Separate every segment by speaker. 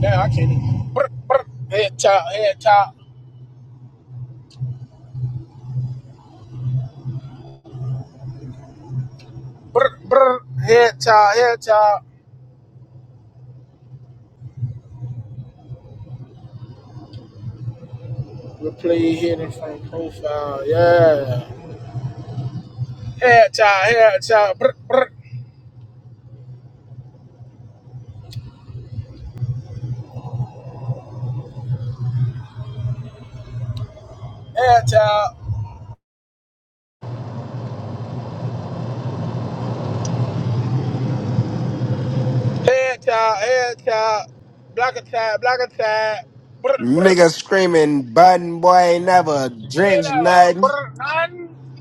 Speaker 1: Now I can't even. Brr, brr, head chop, head chop. Brr, brr, head chop, head chop. Replay hidden from profile, yeah. Head chop, head chop. Brr, brr, head chop. Head chop, head chop. Block attack, block attack. Brr, brr.
Speaker 2: Nigga screaming, Biden boy ain't never
Speaker 1: Get
Speaker 2: drinks
Speaker 1: out of
Speaker 2: nothing.
Speaker 1: brr, none.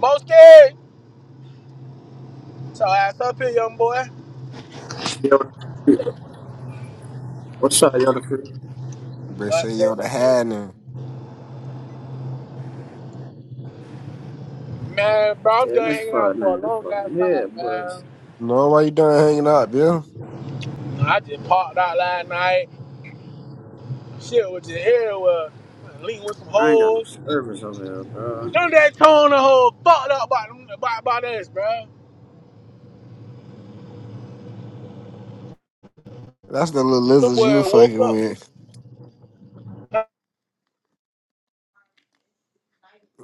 Speaker 1: Most days. So ass up here, young boy.
Speaker 3: Yoda. What's up, Yoda crew?
Speaker 2: Bitch
Speaker 1: But,
Speaker 2: say
Speaker 1: hey,
Speaker 2: yo the
Speaker 1: dude.
Speaker 2: had now.
Speaker 1: Man, bro, I'm
Speaker 3: Yeah,
Speaker 1: done
Speaker 3: this
Speaker 1: hanging out for a
Speaker 3: fucking, this
Speaker 1: long ass
Speaker 3: fucking
Speaker 1: time,
Speaker 3: head bust.
Speaker 1: man.
Speaker 2: No, why you done hanging out, Bill?
Speaker 1: I just parked out last night. Shit with your hair was just everywhere. lean with some
Speaker 3: I ain't got no
Speaker 1: holes.
Speaker 3: service over here, bro.
Speaker 1: Them that tone the whole fucked up by them by, by this, bro.
Speaker 2: That's the little
Speaker 1: Them
Speaker 2: lizards you
Speaker 1: boy
Speaker 2: were
Speaker 1: woke
Speaker 2: fucking
Speaker 1: up.
Speaker 2: with.
Speaker 1: Not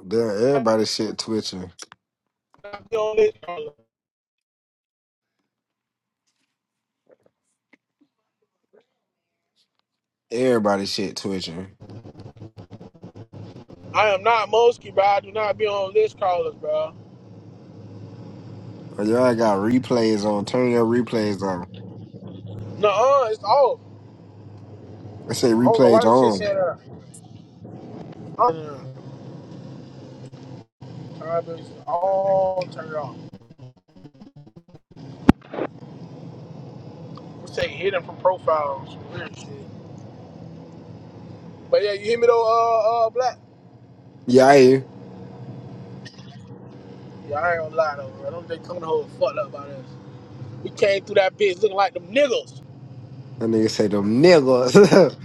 Speaker 2: Damn, everybody shit twitching.
Speaker 1: be on list callers.
Speaker 2: Everybody shit twitching.
Speaker 1: I am not Mosky, bro. I do not be on list callers, bro.
Speaker 2: Oh, Y'all got replays on. Turn your replays on.
Speaker 1: Nuh-uh, it's off.
Speaker 2: I say
Speaker 1: I don't know why
Speaker 2: replays
Speaker 1: this shit
Speaker 2: on.
Speaker 1: saying that. Uh, Travis, all turned off. We say hidden from profiles, weird shit. But yeah, you hear me though, uh, uh, Black?
Speaker 2: Yeah, I hear.
Speaker 1: Yeah, I ain't gonna lie though, bro. Them they tone the whole fucked up by this. We came through that bitch looking like them niggas.
Speaker 2: That nigga say them niggas.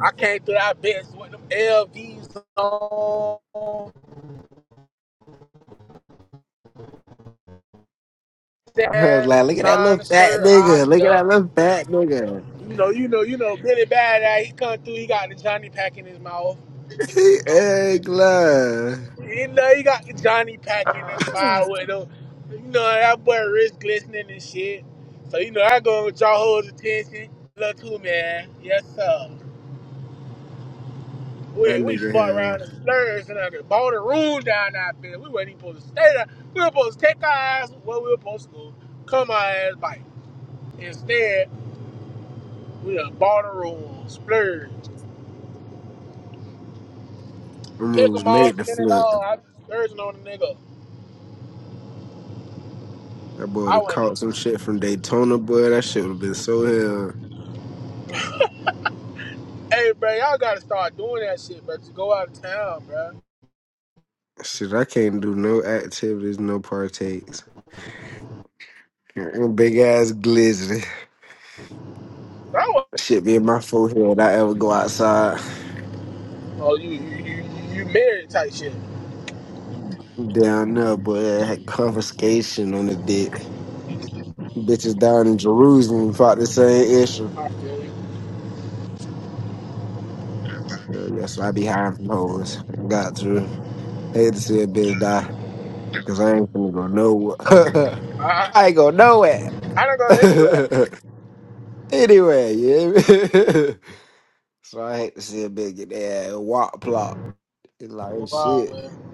Speaker 1: I came through that bitch with them LVs on,
Speaker 2: I was like,
Speaker 1: damn
Speaker 2: look at that little
Speaker 1: designer
Speaker 2: fat
Speaker 1: shirt, high
Speaker 2: nigga. Look at
Speaker 1: stuff.
Speaker 2: that little fat nigga.
Speaker 1: You know, you know, you know, Billy Bad that he come through, he got the Johnny pack in his mouth.
Speaker 2: He egg line.
Speaker 1: You know, he got the Johnny pack in his mouth with them. You know, that boy wrist glistening and shit. So, you know, I go with y'all hoes attention. Look who, man. Yes, sir.
Speaker 2: That
Speaker 1: We we
Speaker 2: nigga
Speaker 1: fought
Speaker 2: here.
Speaker 1: around and splurged and I bought a room down that bitch. We wasn't even supposed to stay there. We were supposed to take our ass where we were supposed to go, come our ass back. Instead, we done bought a room, splurged,
Speaker 2: Them
Speaker 1: pick them
Speaker 2: rules
Speaker 1: all,
Speaker 2: made the
Speaker 1: spend it
Speaker 2: flip.
Speaker 1: all. I was splurging on the nigga.
Speaker 2: That boy would
Speaker 1: I
Speaker 2: have
Speaker 1: wasn't.
Speaker 2: caught some
Speaker 1: looking.
Speaker 2: shit from Daytona, boy. That shit would have been so hell.
Speaker 1: Hey, bro, y'all gotta start doing that shit, bro. To go out of town, bro.
Speaker 2: Shit, I can't do no activities, no partakes. And Big ass glizzy.
Speaker 1: But I was,
Speaker 2: Shit be in my forehead. I ever go outside
Speaker 1: oh, you you you, you married type shit.
Speaker 2: down there, boy. I had confiscation on the dick. Bitches down in Jerusalem fought the same issue.
Speaker 1: I feel you.
Speaker 2: Uh, yeah, so I be hiding from hoes. Got to. Hate to see a bitch die, cause I ain't finna go nowhere.
Speaker 1: I
Speaker 2: I ain't go nowhere.
Speaker 1: I don't go anywhere.
Speaker 2: Anyway, yeah. so I hate to see a bitch get that walk plop. It's like oh,
Speaker 1: Wow,
Speaker 2: shit.
Speaker 1: man.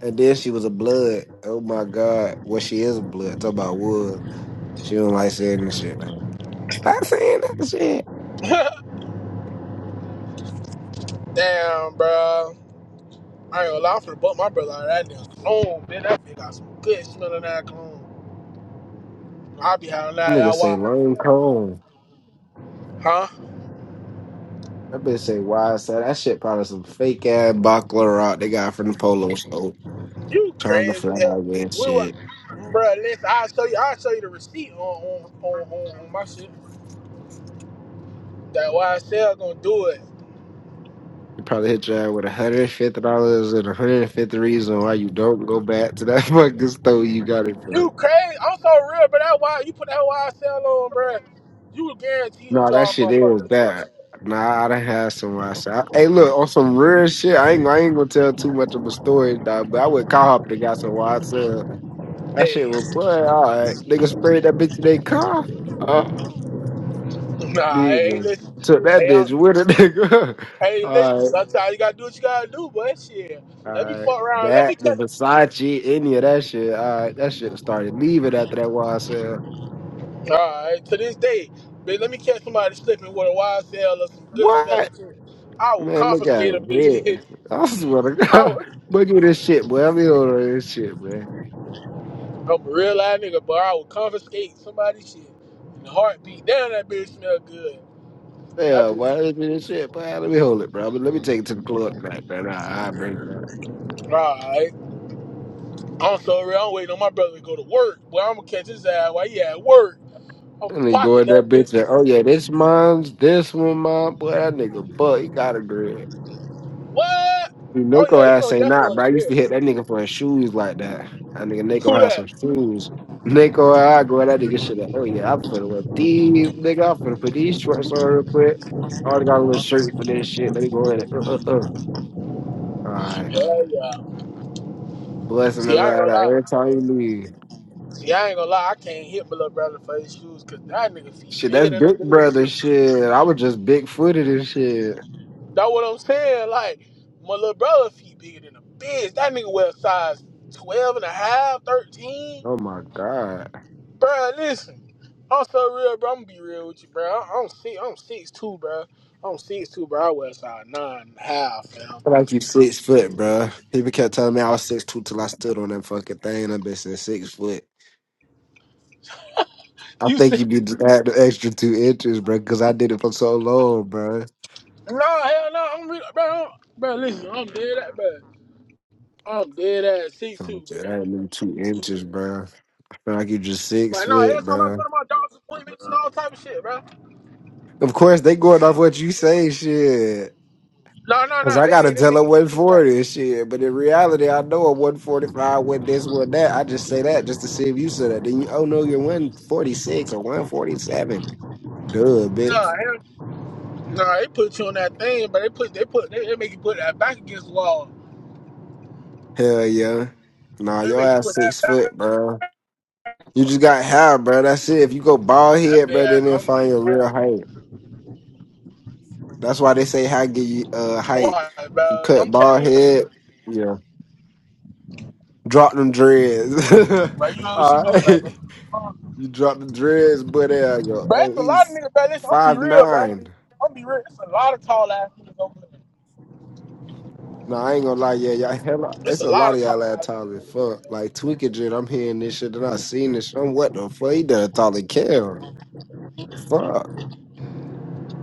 Speaker 2: And then she was a blood. Oh my god. Well, she is a blood. Talk about wood. She don't like saying that shit now. Stop saying that shit.
Speaker 1: Damn, bro. I ain't gonna lie, I'm finna butt my brother out of that damn cologne, bitch. That bitch got some good smelling that cologne. I be having that
Speaker 2: Nigga
Speaker 1: out
Speaker 2: say
Speaker 1: wild.
Speaker 2: long
Speaker 1: hell.
Speaker 2: cone.
Speaker 1: Huh?
Speaker 2: That bitch say wide side. That shit probably some fake ass buckler rock they got from the polo store.
Speaker 1: You
Speaker 2: Trying to
Speaker 1: crazy as
Speaker 2: flag
Speaker 1: hell.
Speaker 2: and
Speaker 1: We were,
Speaker 2: shit.
Speaker 1: bruh, listen, I'll show you, I'll show you the receipt on, on, on, on, on my shit. That YSL gonna do it.
Speaker 2: They probably hit your ass with one hundred fifty dollars and one hundred fifty reason why you don't go back to that fucking store you got it from.
Speaker 1: You crazy. I'm so real, but that why you put that YSL on, bruh. You were guaranteed to
Speaker 2: No, that
Speaker 1: draw a
Speaker 2: shit is
Speaker 1: motherfucker attention.
Speaker 2: bad. Nah, I done had some myself. Hey, look, on some real shit, I ain't, I ain't gonna tell too much of a story, dog, but I went car hopping and got some wild sale. That shit
Speaker 1: Hey,
Speaker 2: was play, all right. Nigga sprayed that bitch in their car. Oh,
Speaker 1: nah, hey,
Speaker 2: nigga. Took
Speaker 1: listen.
Speaker 2: that
Speaker 1: Hey, I,
Speaker 2: bitch with a nigga.
Speaker 1: Hey, listen,
Speaker 2: all right,
Speaker 1: sometimes you gotta do what you gotta do, but shit.
Speaker 2: all
Speaker 1: Let me
Speaker 2: right.
Speaker 1: fuck around. Let
Speaker 2: That,
Speaker 1: me
Speaker 2: the
Speaker 1: catch it.
Speaker 2: Versace, any of that shit, all right. That shit started leaving after that wild sale.
Speaker 1: Alright, to this day, bitch, let me catch somebody slipping with a YSL or some good
Speaker 2: What?
Speaker 1: smelling shit. I will
Speaker 2: Man, look at
Speaker 1: confiscate a
Speaker 2: him here.
Speaker 1: bitch.
Speaker 2: I swear to
Speaker 1: I
Speaker 2: God.
Speaker 1: would
Speaker 2: But give me this shit, boy. Let me hold on to this shit, man.
Speaker 1: I'm a real life nigga, but I will confiscate somebody's shit. In the heartbeat. Damn that bitch smell good. That
Speaker 2: Yeah,
Speaker 1: bitch
Speaker 2: boy, let me this shit, boy. Let me hold it, bro. Let me take it to the club tonight, man. I, I bring that.
Speaker 1: Alright. I'm so real. I'm waiting on my brother to go to work. Boy, I'm gonna catch his ass while he at work. I'm gonna
Speaker 2: And then go
Speaker 1: pocket
Speaker 2: in that
Speaker 1: that
Speaker 2: bitch and,
Speaker 1: bitch.
Speaker 2: oh, yeah, this mine's, this one mine. Boy, that nigga butt, he got a girl.
Speaker 1: What? Oh
Speaker 2: Nako
Speaker 1: yeah, he
Speaker 2: ass
Speaker 1: gonna
Speaker 2: ain't
Speaker 1: definitely
Speaker 2: not,
Speaker 1: want
Speaker 2: bro. I
Speaker 1: to
Speaker 2: used to hit
Speaker 1: grill.
Speaker 2: that nigga for his shoes like that. That nigga
Speaker 1: Who
Speaker 2: Nako had
Speaker 1: that?
Speaker 2: some shoes. Nako, I go that nigga shit. Like, oh yeah, I'm finna wear these, nigga. I'm finna put these shorts on real quick. I already got a little shirt for this shit. Let me go in it. Uh, uh, uh. All right,
Speaker 1: Hell yeah.
Speaker 2: blessing
Speaker 1: See,
Speaker 2: us
Speaker 1: I ain't
Speaker 2: out
Speaker 1: gonna
Speaker 2: of
Speaker 1: lie.
Speaker 2: every time you leave.
Speaker 1: See, I ain't gonna lie. I can't hit my little brother for his shoes because that nigga feet
Speaker 2: Shit,
Speaker 1: bigger
Speaker 2: that's
Speaker 1: than a
Speaker 2: big
Speaker 1: bitch.
Speaker 2: brother shit. I was just big footed and shit.
Speaker 1: That's what I'm saying. Like, my little brother feet bigger than a bitch. That nigga wear size 12 and a half, thirteen.
Speaker 2: Oh my god,
Speaker 1: Bro, listen. I'm so real, bro. I'm gonna be real with you, bro. I- I'm six, I'm six two, bro. I'm six two, bro. I wear size nine and a half,
Speaker 2: I
Speaker 1: fam.
Speaker 2: feel like you six foot, bro. People kept telling me I was six two till I stood on that fucking thing. I've been since six foot. I
Speaker 1: You
Speaker 2: think
Speaker 1: say,
Speaker 2: you need to add the extra two inches, bro, because I did it for so long, bro.
Speaker 1: no, hell no. I'm real, bro. I'm- Bro, listen, I'm dead at, bro. I'm dead at six
Speaker 2: Feel
Speaker 1: two,
Speaker 2: like you
Speaker 1: bro.
Speaker 2: adding them two inches, bro. I feel like you just six
Speaker 1: But no, every
Speaker 2: foot,
Speaker 1: time I go
Speaker 2: bro.
Speaker 1: to my doctor's appointments and all type of shit, bro.
Speaker 2: Of course, they going
Speaker 1: Shit.
Speaker 2: off what you say, shit.
Speaker 1: No, no,
Speaker 2: Cause
Speaker 1: no.
Speaker 2: I
Speaker 1: They
Speaker 2: gotta
Speaker 1: they, they
Speaker 2: tell
Speaker 1: make
Speaker 2: her
Speaker 1: you give this that.
Speaker 2: 140 and shit. But in reality, I know a 145 with this, with that. I just say that just to see if you said that. Then you, oh no, you're 146 or 147. Duh, bitch.
Speaker 1: No, hell- no. They put you on that thing, but they put they put they, they make you put that back against the wall.
Speaker 2: Hell yeah. Nah,
Speaker 1: They
Speaker 2: your
Speaker 1: make you
Speaker 2: ass
Speaker 1: put that
Speaker 2: six
Speaker 1: back.
Speaker 2: foot, bro. You just got hair, bro. That's it. If you go bald
Speaker 1: I
Speaker 2: head, bro,
Speaker 1: bet.
Speaker 2: then they'll
Speaker 1: I'm
Speaker 2: find
Speaker 1: like,
Speaker 2: your real
Speaker 1: damn.
Speaker 2: height. That's why they say how give you uh height.
Speaker 1: Why,
Speaker 2: You
Speaker 1: bro?
Speaker 2: cut
Speaker 1: I'm telling
Speaker 2: bald
Speaker 1: you,
Speaker 2: head, yeah. Drop them dreads.
Speaker 1: bro. You don't see
Speaker 2: All
Speaker 1: me on
Speaker 2: right.
Speaker 1: that, bro. But
Speaker 2: You drop the dreads, but there you go.
Speaker 1: Bro,
Speaker 2: Oh,
Speaker 1: it's a lot of
Speaker 2: he's
Speaker 1: niggas, bro. Listen, I'm be
Speaker 2: five
Speaker 1: real, bro.
Speaker 2: nine.
Speaker 1: I'm be real. It's a lot of tall ass niggas over there.
Speaker 2: No, I ain't gonna lie, yeah, y'all hella,
Speaker 1: It's
Speaker 2: it's
Speaker 1: a
Speaker 2: a
Speaker 1: lot
Speaker 2: lot
Speaker 1: of
Speaker 2: of y'all
Speaker 1: tall
Speaker 2: that
Speaker 1: ass
Speaker 2: tall
Speaker 1: niggas
Speaker 2: as
Speaker 1: over
Speaker 2: fuck.
Speaker 1: there.
Speaker 2: Like Tweaker Jit, I'm hearing this shit and I seen this shit. I'm what the fuck? He done tall as Kel. Fuck.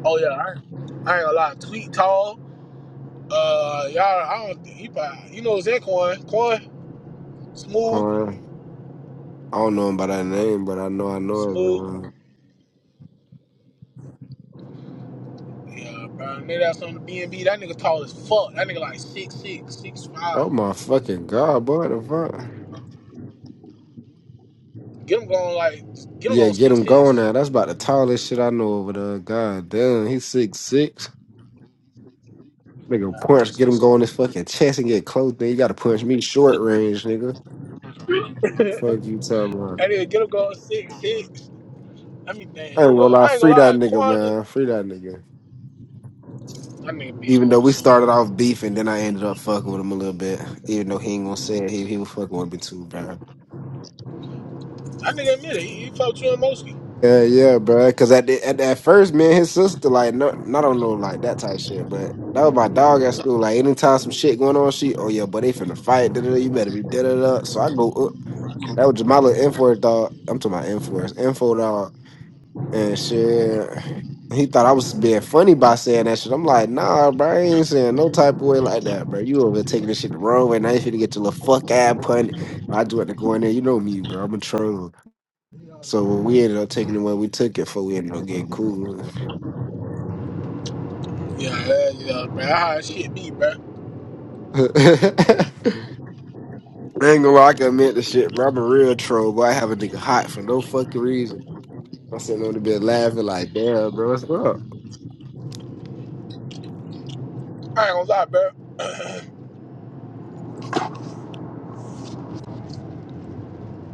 Speaker 1: Oh yeah, I ain't, I ain't a lot. Tweet tall. Uh, y'all, I don't think he probably, you know, it's that Quan. Quan, smooth,
Speaker 2: Quan. I don't know him by that name, but I know I know
Speaker 1: smooth.
Speaker 2: him.
Speaker 1: Yeah, bro. Maybe that's on the BNB. That nigga tall as fuck. That nigga like six six, six
Speaker 2: Oh
Speaker 1: five.
Speaker 2: my fucking god, boy, the fuck.
Speaker 1: Get him going like, get him
Speaker 2: Yeah,
Speaker 1: going
Speaker 2: get
Speaker 1: six
Speaker 2: him going
Speaker 1: six.
Speaker 2: now. That's about the tallest shit I know over there. God damn, he's six six. Nigga, punch, get him
Speaker 1: Six
Speaker 2: going his
Speaker 1: six.
Speaker 2: fucking chest and get close. Then you gotta punch me short range, nigga. Fuck you, talking about.
Speaker 1: That nigga get him going six six. Let me think.
Speaker 2: I ain't
Speaker 1: Who
Speaker 2: gonna
Speaker 1: else?
Speaker 2: lie,
Speaker 1: I ain't gonna
Speaker 2: free that
Speaker 1: lie.
Speaker 2: nigga,
Speaker 1: Quan, is-
Speaker 2: man. Free that nigga.
Speaker 1: that nigga be
Speaker 2: Even though
Speaker 1: on
Speaker 2: we started
Speaker 1: something.
Speaker 2: off beefing, then I ended up fucking with him a little bit. Even though he ain't gonna say it, he, he was fucking with me too, bro.
Speaker 1: That nigga admit it. He, he fucked you and Moski.
Speaker 2: Yeah, yeah, bro. Cause at the, at that first, me and his sister, like, no, I don't know, like that type of shit. But that was my dog at school. Like, anytime some shit going on, she, oh yeah, but they finna fight. Da, da, da, you better be da da da. So I go up. That was my little info dog. I'm talking about info, info dog, and shit. He thought I was being funny by saying that shit. I'm like, nah, bro, I ain't saying no type of way like that, bro. You over there taking this shit the wrong way. Now you finna get your little fuck ass pun. I do it to go in there. You know me, bro. I'm a troll. So when we ended up taking it when we took it before we ended up getting cool.
Speaker 1: Yeah, yeah, yeah, bro. That's How that shit be, bro. I ain't
Speaker 2: I ain't gonna lie, I can admit the shit, bro. I'm a real troll, but I have a nigga hot for no fucking reason. I'm sitting on the bed laughing like, damn, bro, what's up?
Speaker 1: gonna lie, bro.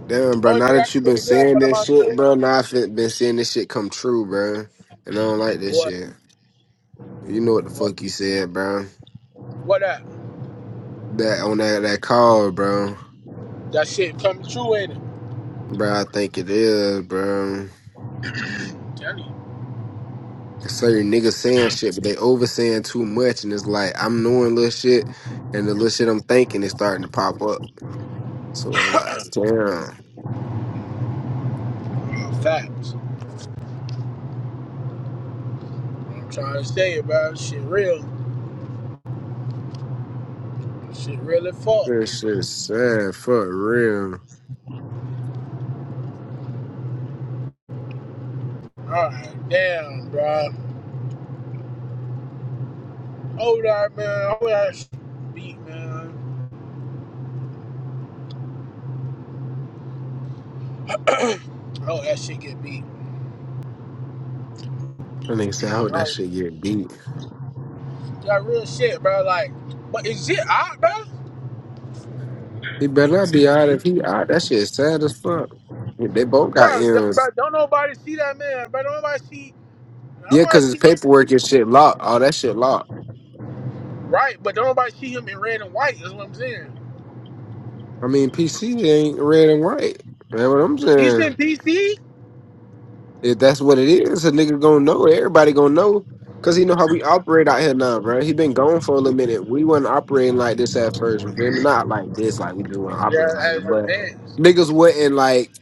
Speaker 2: Damn, bro,
Speaker 1: Only
Speaker 2: now
Speaker 1: nigga I
Speaker 2: that
Speaker 1: can
Speaker 2: you been
Speaker 1: really get up
Speaker 2: saying
Speaker 1: out of
Speaker 2: this
Speaker 1: my
Speaker 2: shit,
Speaker 1: skin.
Speaker 2: bro, now I've been seeing this shit come true, bro. And I don't like this
Speaker 1: boy,
Speaker 2: shit. You know what the
Speaker 1: What,
Speaker 2: fuck you said, bro.
Speaker 1: what up?
Speaker 2: That on that, that call, bro.
Speaker 1: That shit coming true, ain't it?
Speaker 2: Bro, I think it is, bro.
Speaker 1: I'm telling you.
Speaker 2: Certain niggas saying shit, but they over saying too much, and it's like I'm knowing little shit, and the little shit I'm thinking is starting to pop up. So I'm like, damn,
Speaker 1: uh, Facts. I'm trying to say, bro. Shit real. Shit really fucked.
Speaker 2: this shit is sad for real.
Speaker 1: Alright, damn, bro. Hold on, man. I hope that shit beat, man. I hope that shit get beat.
Speaker 2: That nigga said, I hope that
Speaker 1: Oh,
Speaker 2: shit get beat.
Speaker 1: That real shit, bro. Like, but is it out, bro?
Speaker 2: He better not be out if he out. That shit is sad as fuck. They both got
Speaker 1: Bro, d-
Speaker 2: M's.
Speaker 1: bro, don't nobody see that man, bro. Don't nobody see. I don't
Speaker 2: Yeah, cause
Speaker 1: want to
Speaker 2: his
Speaker 1: see him.
Speaker 2: paperwork and shit locked. All that shit locked.
Speaker 1: Right, but don't nobody see him in red and white. That's what I'm saying.
Speaker 2: I mean, PC ain't red and white. That's what I'm
Speaker 1: He's
Speaker 2: saying.
Speaker 1: in DC.
Speaker 2: If that's what it is, a nigga gonna know. Everybody gonna know. Cause he know how we operate out here now, bro. He been gone for a little minute. We wasn't operating like this at first, you feel me? Not like this, like we just want to
Speaker 1: Yeah,
Speaker 2: operate like it.
Speaker 1: as
Speaker 2: But
Speaker 1: advanced.
Speaker 2: niggas wasn't like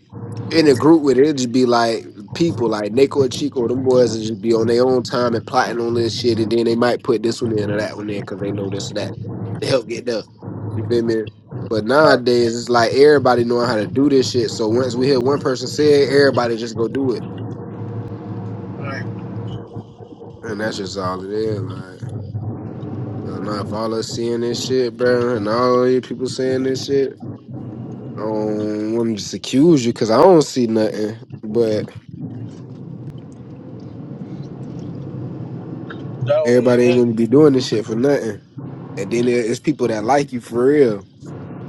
Speaker 2: in a group with it. It'd just be like people like Nico and Chico, them boys would just be on their own time and plotting on this shit, and then they might put this one in or that one in because they know this or that to help get done. You feel me? But nowadays it's like everybody knowing how to do this shit. So once we hear one person say it, everybody just go do it.
Speaker 1: Right.
Speaker 2: And that's just all it is. Like, uh, now if all us seeing this shit, bro, and all of you people saying this shit, I don't want to just accuse you because I don't see nothing. But everybody ain't
Speaker 1: So
Speaker 2: gonna be doing this shit for nothing. And then there- it's people that like you for real.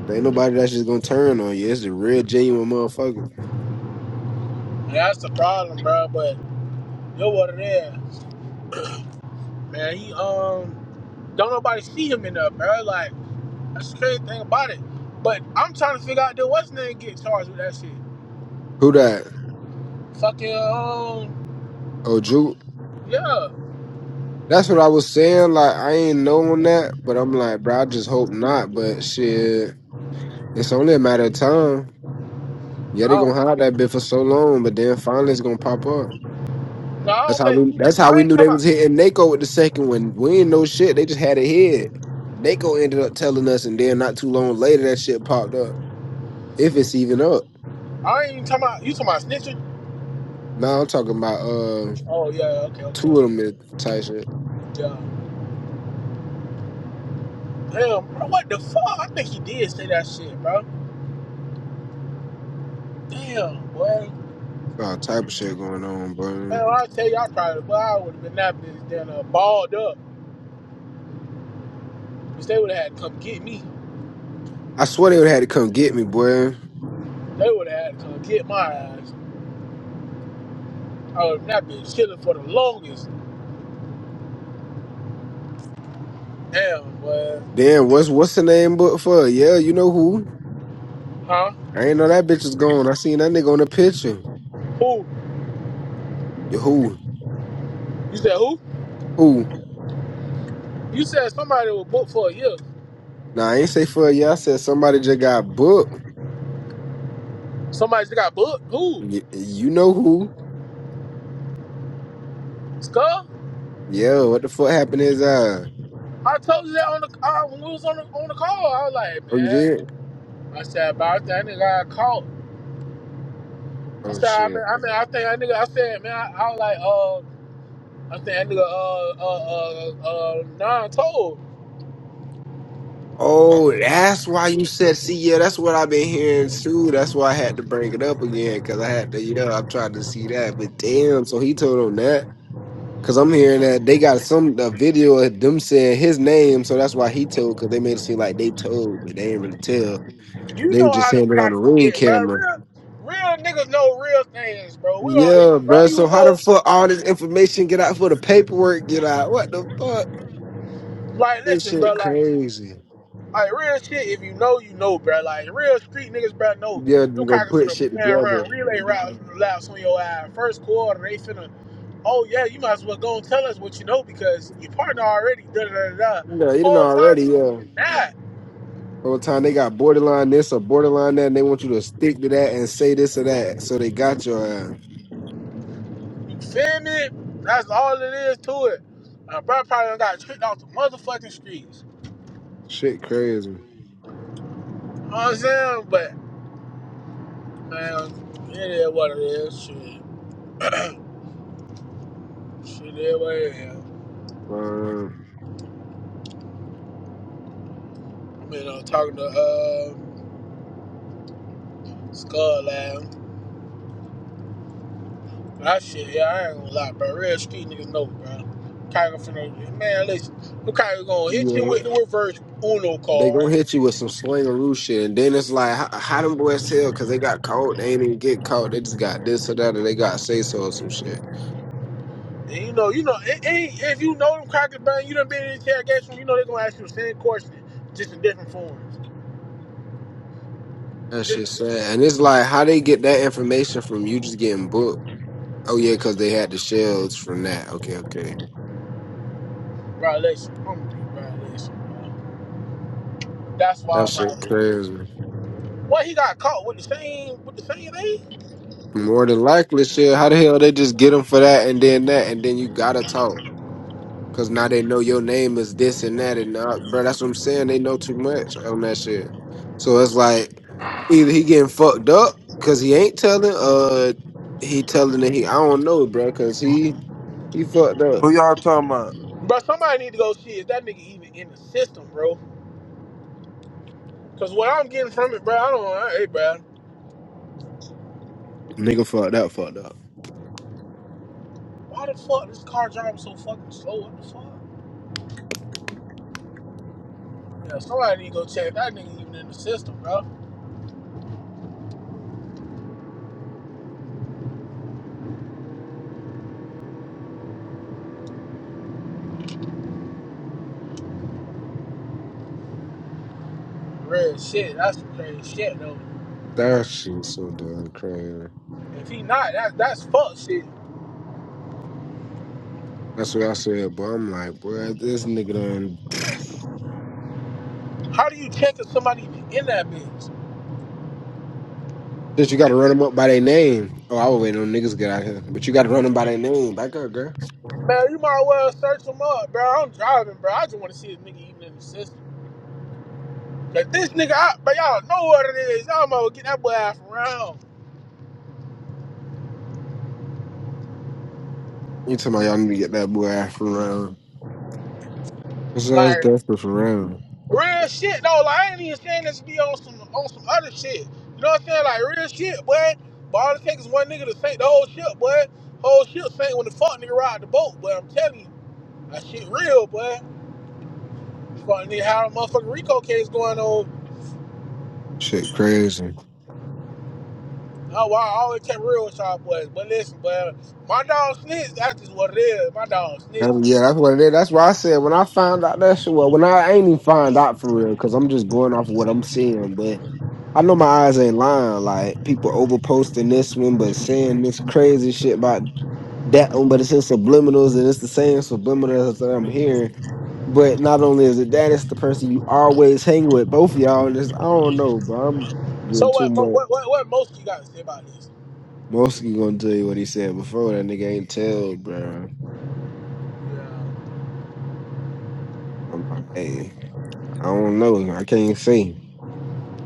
Speaker 2: There ain't nobody that's just gonna turn on you. It's the real genuine motherfuckers.
Speaker 1: that's the problem, bro. But you're what it is, man. He um don't nobody see him enough, bro. Like that's the crazy thing about it. But I'm trying to figure out dude, what's his name get charged with that shit.
Speaker 2: Who that?
Speaker 1: Fucking um
Speaker 2: Oh, Juke.
Speaker 1: yeah.
Speaker 2: That's what I was saying. Like, I ain't knowing that, but I'm like, bro, I just hope not. But shit, it's only a matter of time.
Speaker 1: I
Speaker 2: Yeah, they gonna
Speaker 1: don't,
Speaker 2: hide that bit for so long, but then finally it's gonna pop up.
Speaker 1: no, I
Speaker 2: That's
Speaker 1: don't
Speaker 2: how
Speaker 1: think
Speaker 2: we. That's how
Speaker 1: I
Speaker 2: we
Speaker 1: ain't
Speaker 2: knew
Speaker 1: talking
Speaker 2: they was
Speaker 1: about.
Speaker 2: hitting Nako with the second one. We ain't know shit. They just had a head. Nako ended up telling us, and then not too long later, that shit popped up. If it's even up.
Speaker 1: I ain't even talking about. You talking about snitching?
Speaker 2: Now I'm talking about uh
Speaker 1: Oh yeah, okay, okay,
Speaker 2: two of
Speaker 1: okay.
Speaker 2: them is type shit.
Speaker 1: yeah. Damn, bro, what the fuck? I think he did say that shit, bro. Damn, boy.
Speaker 2: all type of shit going on, bro.
Speaker 1: Man, I tell you, I probably, boy, I would have been napping this damn uh, balled up. Because they would have had to come get me.
Speaker 2: I swear they would have had to come get me, boy.
Speaker 1: They would have had to come get my ass. I would have not been chilling for the longest. Damn, boy.
Speaker 2: Damn, what's what's the name book for? Yeah, you know who?
Speaker 1: Huh?
Speaker 2: I ain't know that bitch was gone. I seen that nigga on the picture.
Speaker 1: Who?
Speaker 2: Who?
Speaker 1: You said who?
Speaker 2: Who?
Speaker 1: You said somebody was booked for a year.
Speaker 2: Nah, I ain't say for a year. I said somebody just got booked.
Speaker 1: Somebody just got booked? Who?
Speaker 2: Y- you know who?
Speaker 1: Skull?
Speaker 2: Yo, what the fuck happened is uh?
Speaker 1: I told you that on the uh, when we was on the on the call. I was like,
Speaker 2: Oh, you
Speaker 1: man.
Speaker 2: did?
Speaker 1: I said about that nigga got caught. I
Speaker 2: Oh
Speaker 1: said, I mean,
Speaker 2: shit.
Speaker 1: I mean, I think that nigga. I said, man, I, I was like, uh, I think that nigga, uh, uh, uh, uh, non told.
Speaker 2: Oh, that's why you said. See, yeah, that's what I've been hearing too. That's why I had to bring it up again because I had to. Yeah, I'm trying to see that. But damn, so he told on that because I'm hearing that they got some a video of them saying his name, so that's why he told because they made it seem like they told, but they didn't really tell.
Speaker 1: You
Speaker 2: They were
Speaker 1: know
Speaker 2: just
Speaker 1: how them
Speaker 2: saying it on the
Speaker 1: crackers
Speaker 2: ring
Speaker 1: get, bro.
Speaker 2: camera.
Speaker 1: Real, real niggas know real things, bro. We don't, if
Speaker 2: Yeah,
Speaker 1: you know,
Speaker 2: bro. So
Speaker 1: you
Speaker 2: how the
Speaker 1: know.
Speaker 2: fuck all this information get out for the paperwork get out? What the fuck?
Speaker 1: Like,
Speaker 2: This
Speaker 1: listen, bro.
Speaker 2: shit
Speaker 1: Like,
Speaker 2: crazy.
Speaker 1: like real shit. If you know, you know, bro. Like, real street niggas, bro. Know
Speaker 2: Yeah,
Speaker 1: them
Speaker 2: you gonna
Speaker 1: crackers
Speaker 2: put shit
Speaker 1: finna man
Speaker 2: together.
Speaker 1: around relay routes, laps on your ass. First quarter, they finna. Oh yeah, you might as well go and tell us what you know because your partner already. Da da da da.
Speaker 2: No, you didn't
Speaker 1: Whole
Speaker 2: already, yeah.
Speaker 1: time, nah.
Speaker 2: Whole time they got borderline this or borderline that, and they want you to stick to that and say this or that. So they got your ass.
Speaker 1: You feel me? That's all it is to it. Uh, bro, probably done got tricked off the motherfucking streets.
Speaker 2: Shit crazy.
Speaker 1: You know what I'm saying? but. Man, it is what it is. Shit, shit is what it is.
Speaker 2: Um,
Speaker 1: You know, talking to uh, Skull Lab. That shit, yeah, I ain't gonna lie, bro. Real street niggas know, bro. Tiger finna, man, listen, who Tiger gonna hit you
Speaker 2: yeah.
Speaker 1: with the reverse Uno
Speaker 2: They gonna
Speaker 1: card?
Speaker 2: hit you with some slangaroo shit, and then it's like, how, how them boys tell? Cause they got caught, they ain't even get caught. They just got this or that, or they got say so or some shit.
Speaker 1: And you know, you know, it, it, if you know them crackers, bro, you done been in interrogation, you know they gonna ask you the same question, just in different forms.
Speaker 2: That
Speaker 1: Just,
Speaker 2: shit sad. And it's like how they get that information from you just getting booked. Oh yeah, because they had the shells from that. Okay, okay.
Speaker 1: bro, listen, I'm gonna be, bro, bro. That's
Speaker 2: That
Speaker 1: why I'm
Speaker 2: shit
Speaker 1: out here.
Speaker 2: crazy.
Speaker 1: What, he got caught with the same, with the same thing?
Speaker 2: More than likely, shit. How the hell they just get them for that and then that and then you gotta talk because now they know your name is this and that and uh, bro. That's what I'm saying. They know too much on that shit. So it's like either he getting fucked up because he ain't telling, uh, he telling that he I don't know, bro, because he he fucked up.
Speaker 4: Who y'all talking about?
Speaker 1: Bro, somebody need to go see is that nigga even in the system, bro. Cause what I'm getting from it, bro, I don't know. Hey, bro,
Speaker 2: Nigga fucked up, fucked up.
Speaker 1: why the fuck this car driving so fucking slow? What the fuck? Yeah, somebody need to go check if that nigga even in the system, bro. Real shit. That's some crazy shit, though.
Speaker 2: That shit so damn crazy.
Speaker 1: If he not, that, that's fuck shit.
Speaker 2: That's what I said, but I'm like, boy, this nigga done.
Speaker 1: How do you check if somebody even in that bitch?
Speaker 2: Since you gotta run them up by their name. Oh, I was waiting on niggas to get out here. But you gotta run them by their name. Back up, girl.
Speaker 1: Man, you might well search him up, bro. I'm driving, bro. I just want to see this nigga even in the system. Like this nigga, I, but y'all know what it is. Y'all might get that boy half around.
Speaker 2: You talking about y'all need to get that boy out from around. Cause I was desperate for around.
Speaker 1: Real shit though. Like I ain't even saying this to be on some on some other shit. You know what I'm saying? Like real shit, boy. But all it takes is one nigga to sink the whole ship, boy. Whole ship sank when the fuck nigga ride the boat, boy. I'm telling you, that shit real, boy. Fuck nigga how the motherfucking Rico case going on.
Speaker 2: Shit crazy.
Speaker 1: Oh wow, I always kept real with y'all boys. But listen, boy, my dog snitch, that's just what it is. My dog snitch.
Speaker 2: Um, yeah, that's what it is. That's why I said when I found out that shit. Well, when I, I ain't even find out for real, cause I'm just going off of what I'm seeing. But I know my eyes ain't lying. Like people over posting this one, but saying this crazy shit about that one, but it's in subliminals and it's the same subliminals that I'm hearing. But not only is it that, it's the person you always hang with, both of y'all. And it's, I don't know, bro. I'm doing
Speaker 1: So
Speaker 2: too
Speaker 1: what Mo-
Speaker 2: much.
Speaker 1: what what, what most you gotta say about this?
Speaker 2: Mostly gonna tell you what he said before. That nigga ain't tell, bro.
Speaker 1: Yeah.
Speaker 2: I'm like, hey, I don't know. I can't say.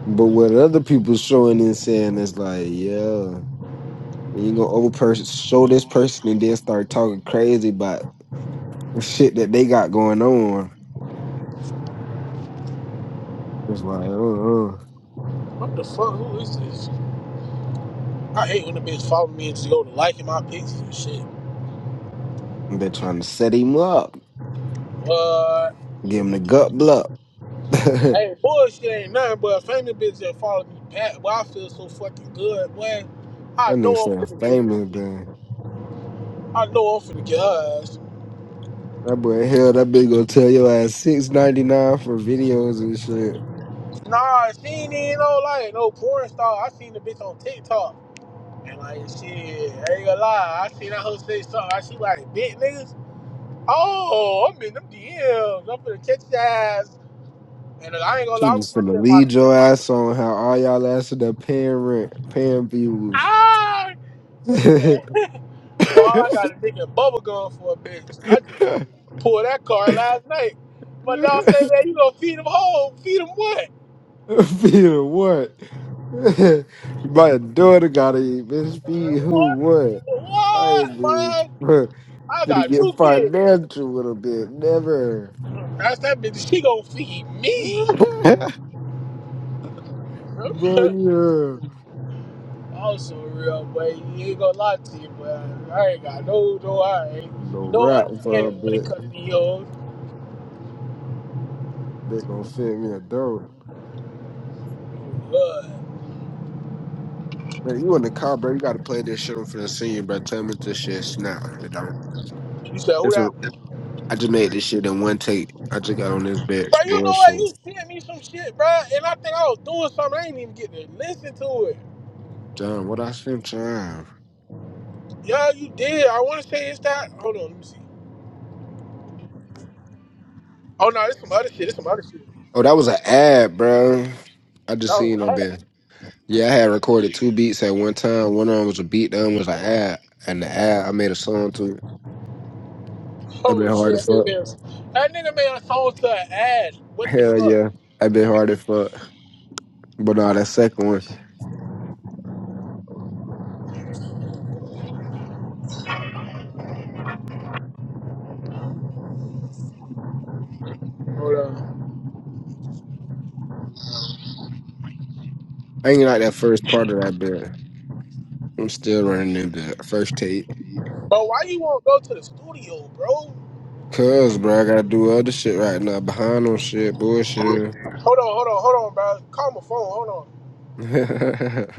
Speaker 2: But what other people showing and saying is like, yeah, you gonna over person show this person and then start talking crazy about shit that they got going on. It's like, uh-uh.
Speaker 1: What the fuck? Who is this? I hate when the bitch follow me and just go to liking my pictures and shit.
Speaker 2: Been trying to set him up,
Speaker 1: But
Speaker 2: give him the gut block. that
Speaker 1: hey, bullshit ain't nothing but famous bitch that follow me back. Boy, I feel so fucking good, boy. I
Speaker 2: nigga
Speaker 1: know I'm
Speaker 2: sound
Speaker 1: finna get her.
Speaker 2: famous, man.
Speaker 1: I know I'm finna get her. ass.
Speaker 2: That boy, hell, that bitch gonna tell your ass six ninety nine for videos and shit.
Speaker 1: Nah, she ain't even no like no porn star. I seen the bitch on TikTok. And like shit, I ain't gonna lie. I seen that hoe say something. I see like big niggas. Oh, I'm in them DMs. I'm finna catch your ass. And uh, I ain't gonna
Speaker 2: She
Speaker 1: lie, I'm gonna
Speaker 2: was
Speaker 1: catch
Speaker 2: gonna
Speaker 1: that by the
Speaker 2: lead your ass on how all y'all ass are paying rent, paying views.
Speaker 1: Ah! Well, you can't. Well, all I got is dick and bubble gum for a bitch. I Pull that car last night. My dog said, man, you gonna feed him home. Feed him what?
Speaker 2: Feed what? My daughter gotta eat, bitch. Feed who
Speaker 1: What?
Speaker 2: what? I ain't
Speaker 1: What,
Speaker 2: doing.
Speaker 1: man?
Speaker 2: Finna
Speaker 1: I got
Speaker 2: get
Speaker 1: two kids.
Speaker 2: financial with a bit. Never.
Speaker 1: That's that bitch. She gonna feed me.
Speaker 2: Bro, yeah.
Speaker 1: also real, but you ain't gonna lie to you, but I ain't got no, no, I
Speaker 2: No
Speaker 1: ain't no
Speaker 2: rap for a
Speaker 1: understanding when it
Speaker 2: bit.
Speaker 1: comes to these hoes.
Speaker 2: They gonna send me a dope.
Speaker 1: But
Speaker 2: Man, you in the car, bro. You gotta play this shit I'm finna send you, bro. Tell me if this shit snap. You don't.
Speaker 1: you said who
Speaker 2: It's a,
Speaker 1: that?
Speaker 2: I just made this shit in one take. I just got on this
Speaker 1: Bro,
Speaker 2: bitch.
Speaker 1: you know what? You
Speaker 2: Bullshit.
Speaker 1: sent me some shit, bro, and I think I was doing something. I ain't even getting to listen to it.
Speaker 2: Damn, what I sent time?
Speaker 1: Yeah, you did. I want to say it's that. Hold on, let me see. Oh no, it's some other shit. It's some other shit.
Speaker 2: Oh, that was an ad, bro. I just
Speaker 1: Oh,
Speaker 2: seen on
Speaker 1: ad.
Speaker 2: bit. Yeah, I had recorded two beats at one time. One of them was a beat, the other was an ad. And the ad, I made a song to it. I've been
Speaker 1: oh
Speaker 2: hard
Speaker 1: shit,
Speaker 2: as
Speaker 1: that nigga
Speaker 2: fuck.
Speaker 1: made a, that nigga made a song to an ad. What the
Speaker 2: Hell
Speaker 1: fuck?
Speaker 2: yeah. I've been hard as fuck. But nah, that second one,
Speaker 1: Hold on.
Speaker 2: I ain't like that first part of that bit. I'm still running into that first tape.
Speaker 1: Bro, why you won't go to the studio, bro? Hold
Speaker 2: Cause, bro, I gotta do other shit right now. Behind on shit, bullshit.
Speaker 1: on, hold on, hold on, bro. Call my phone. Hold on.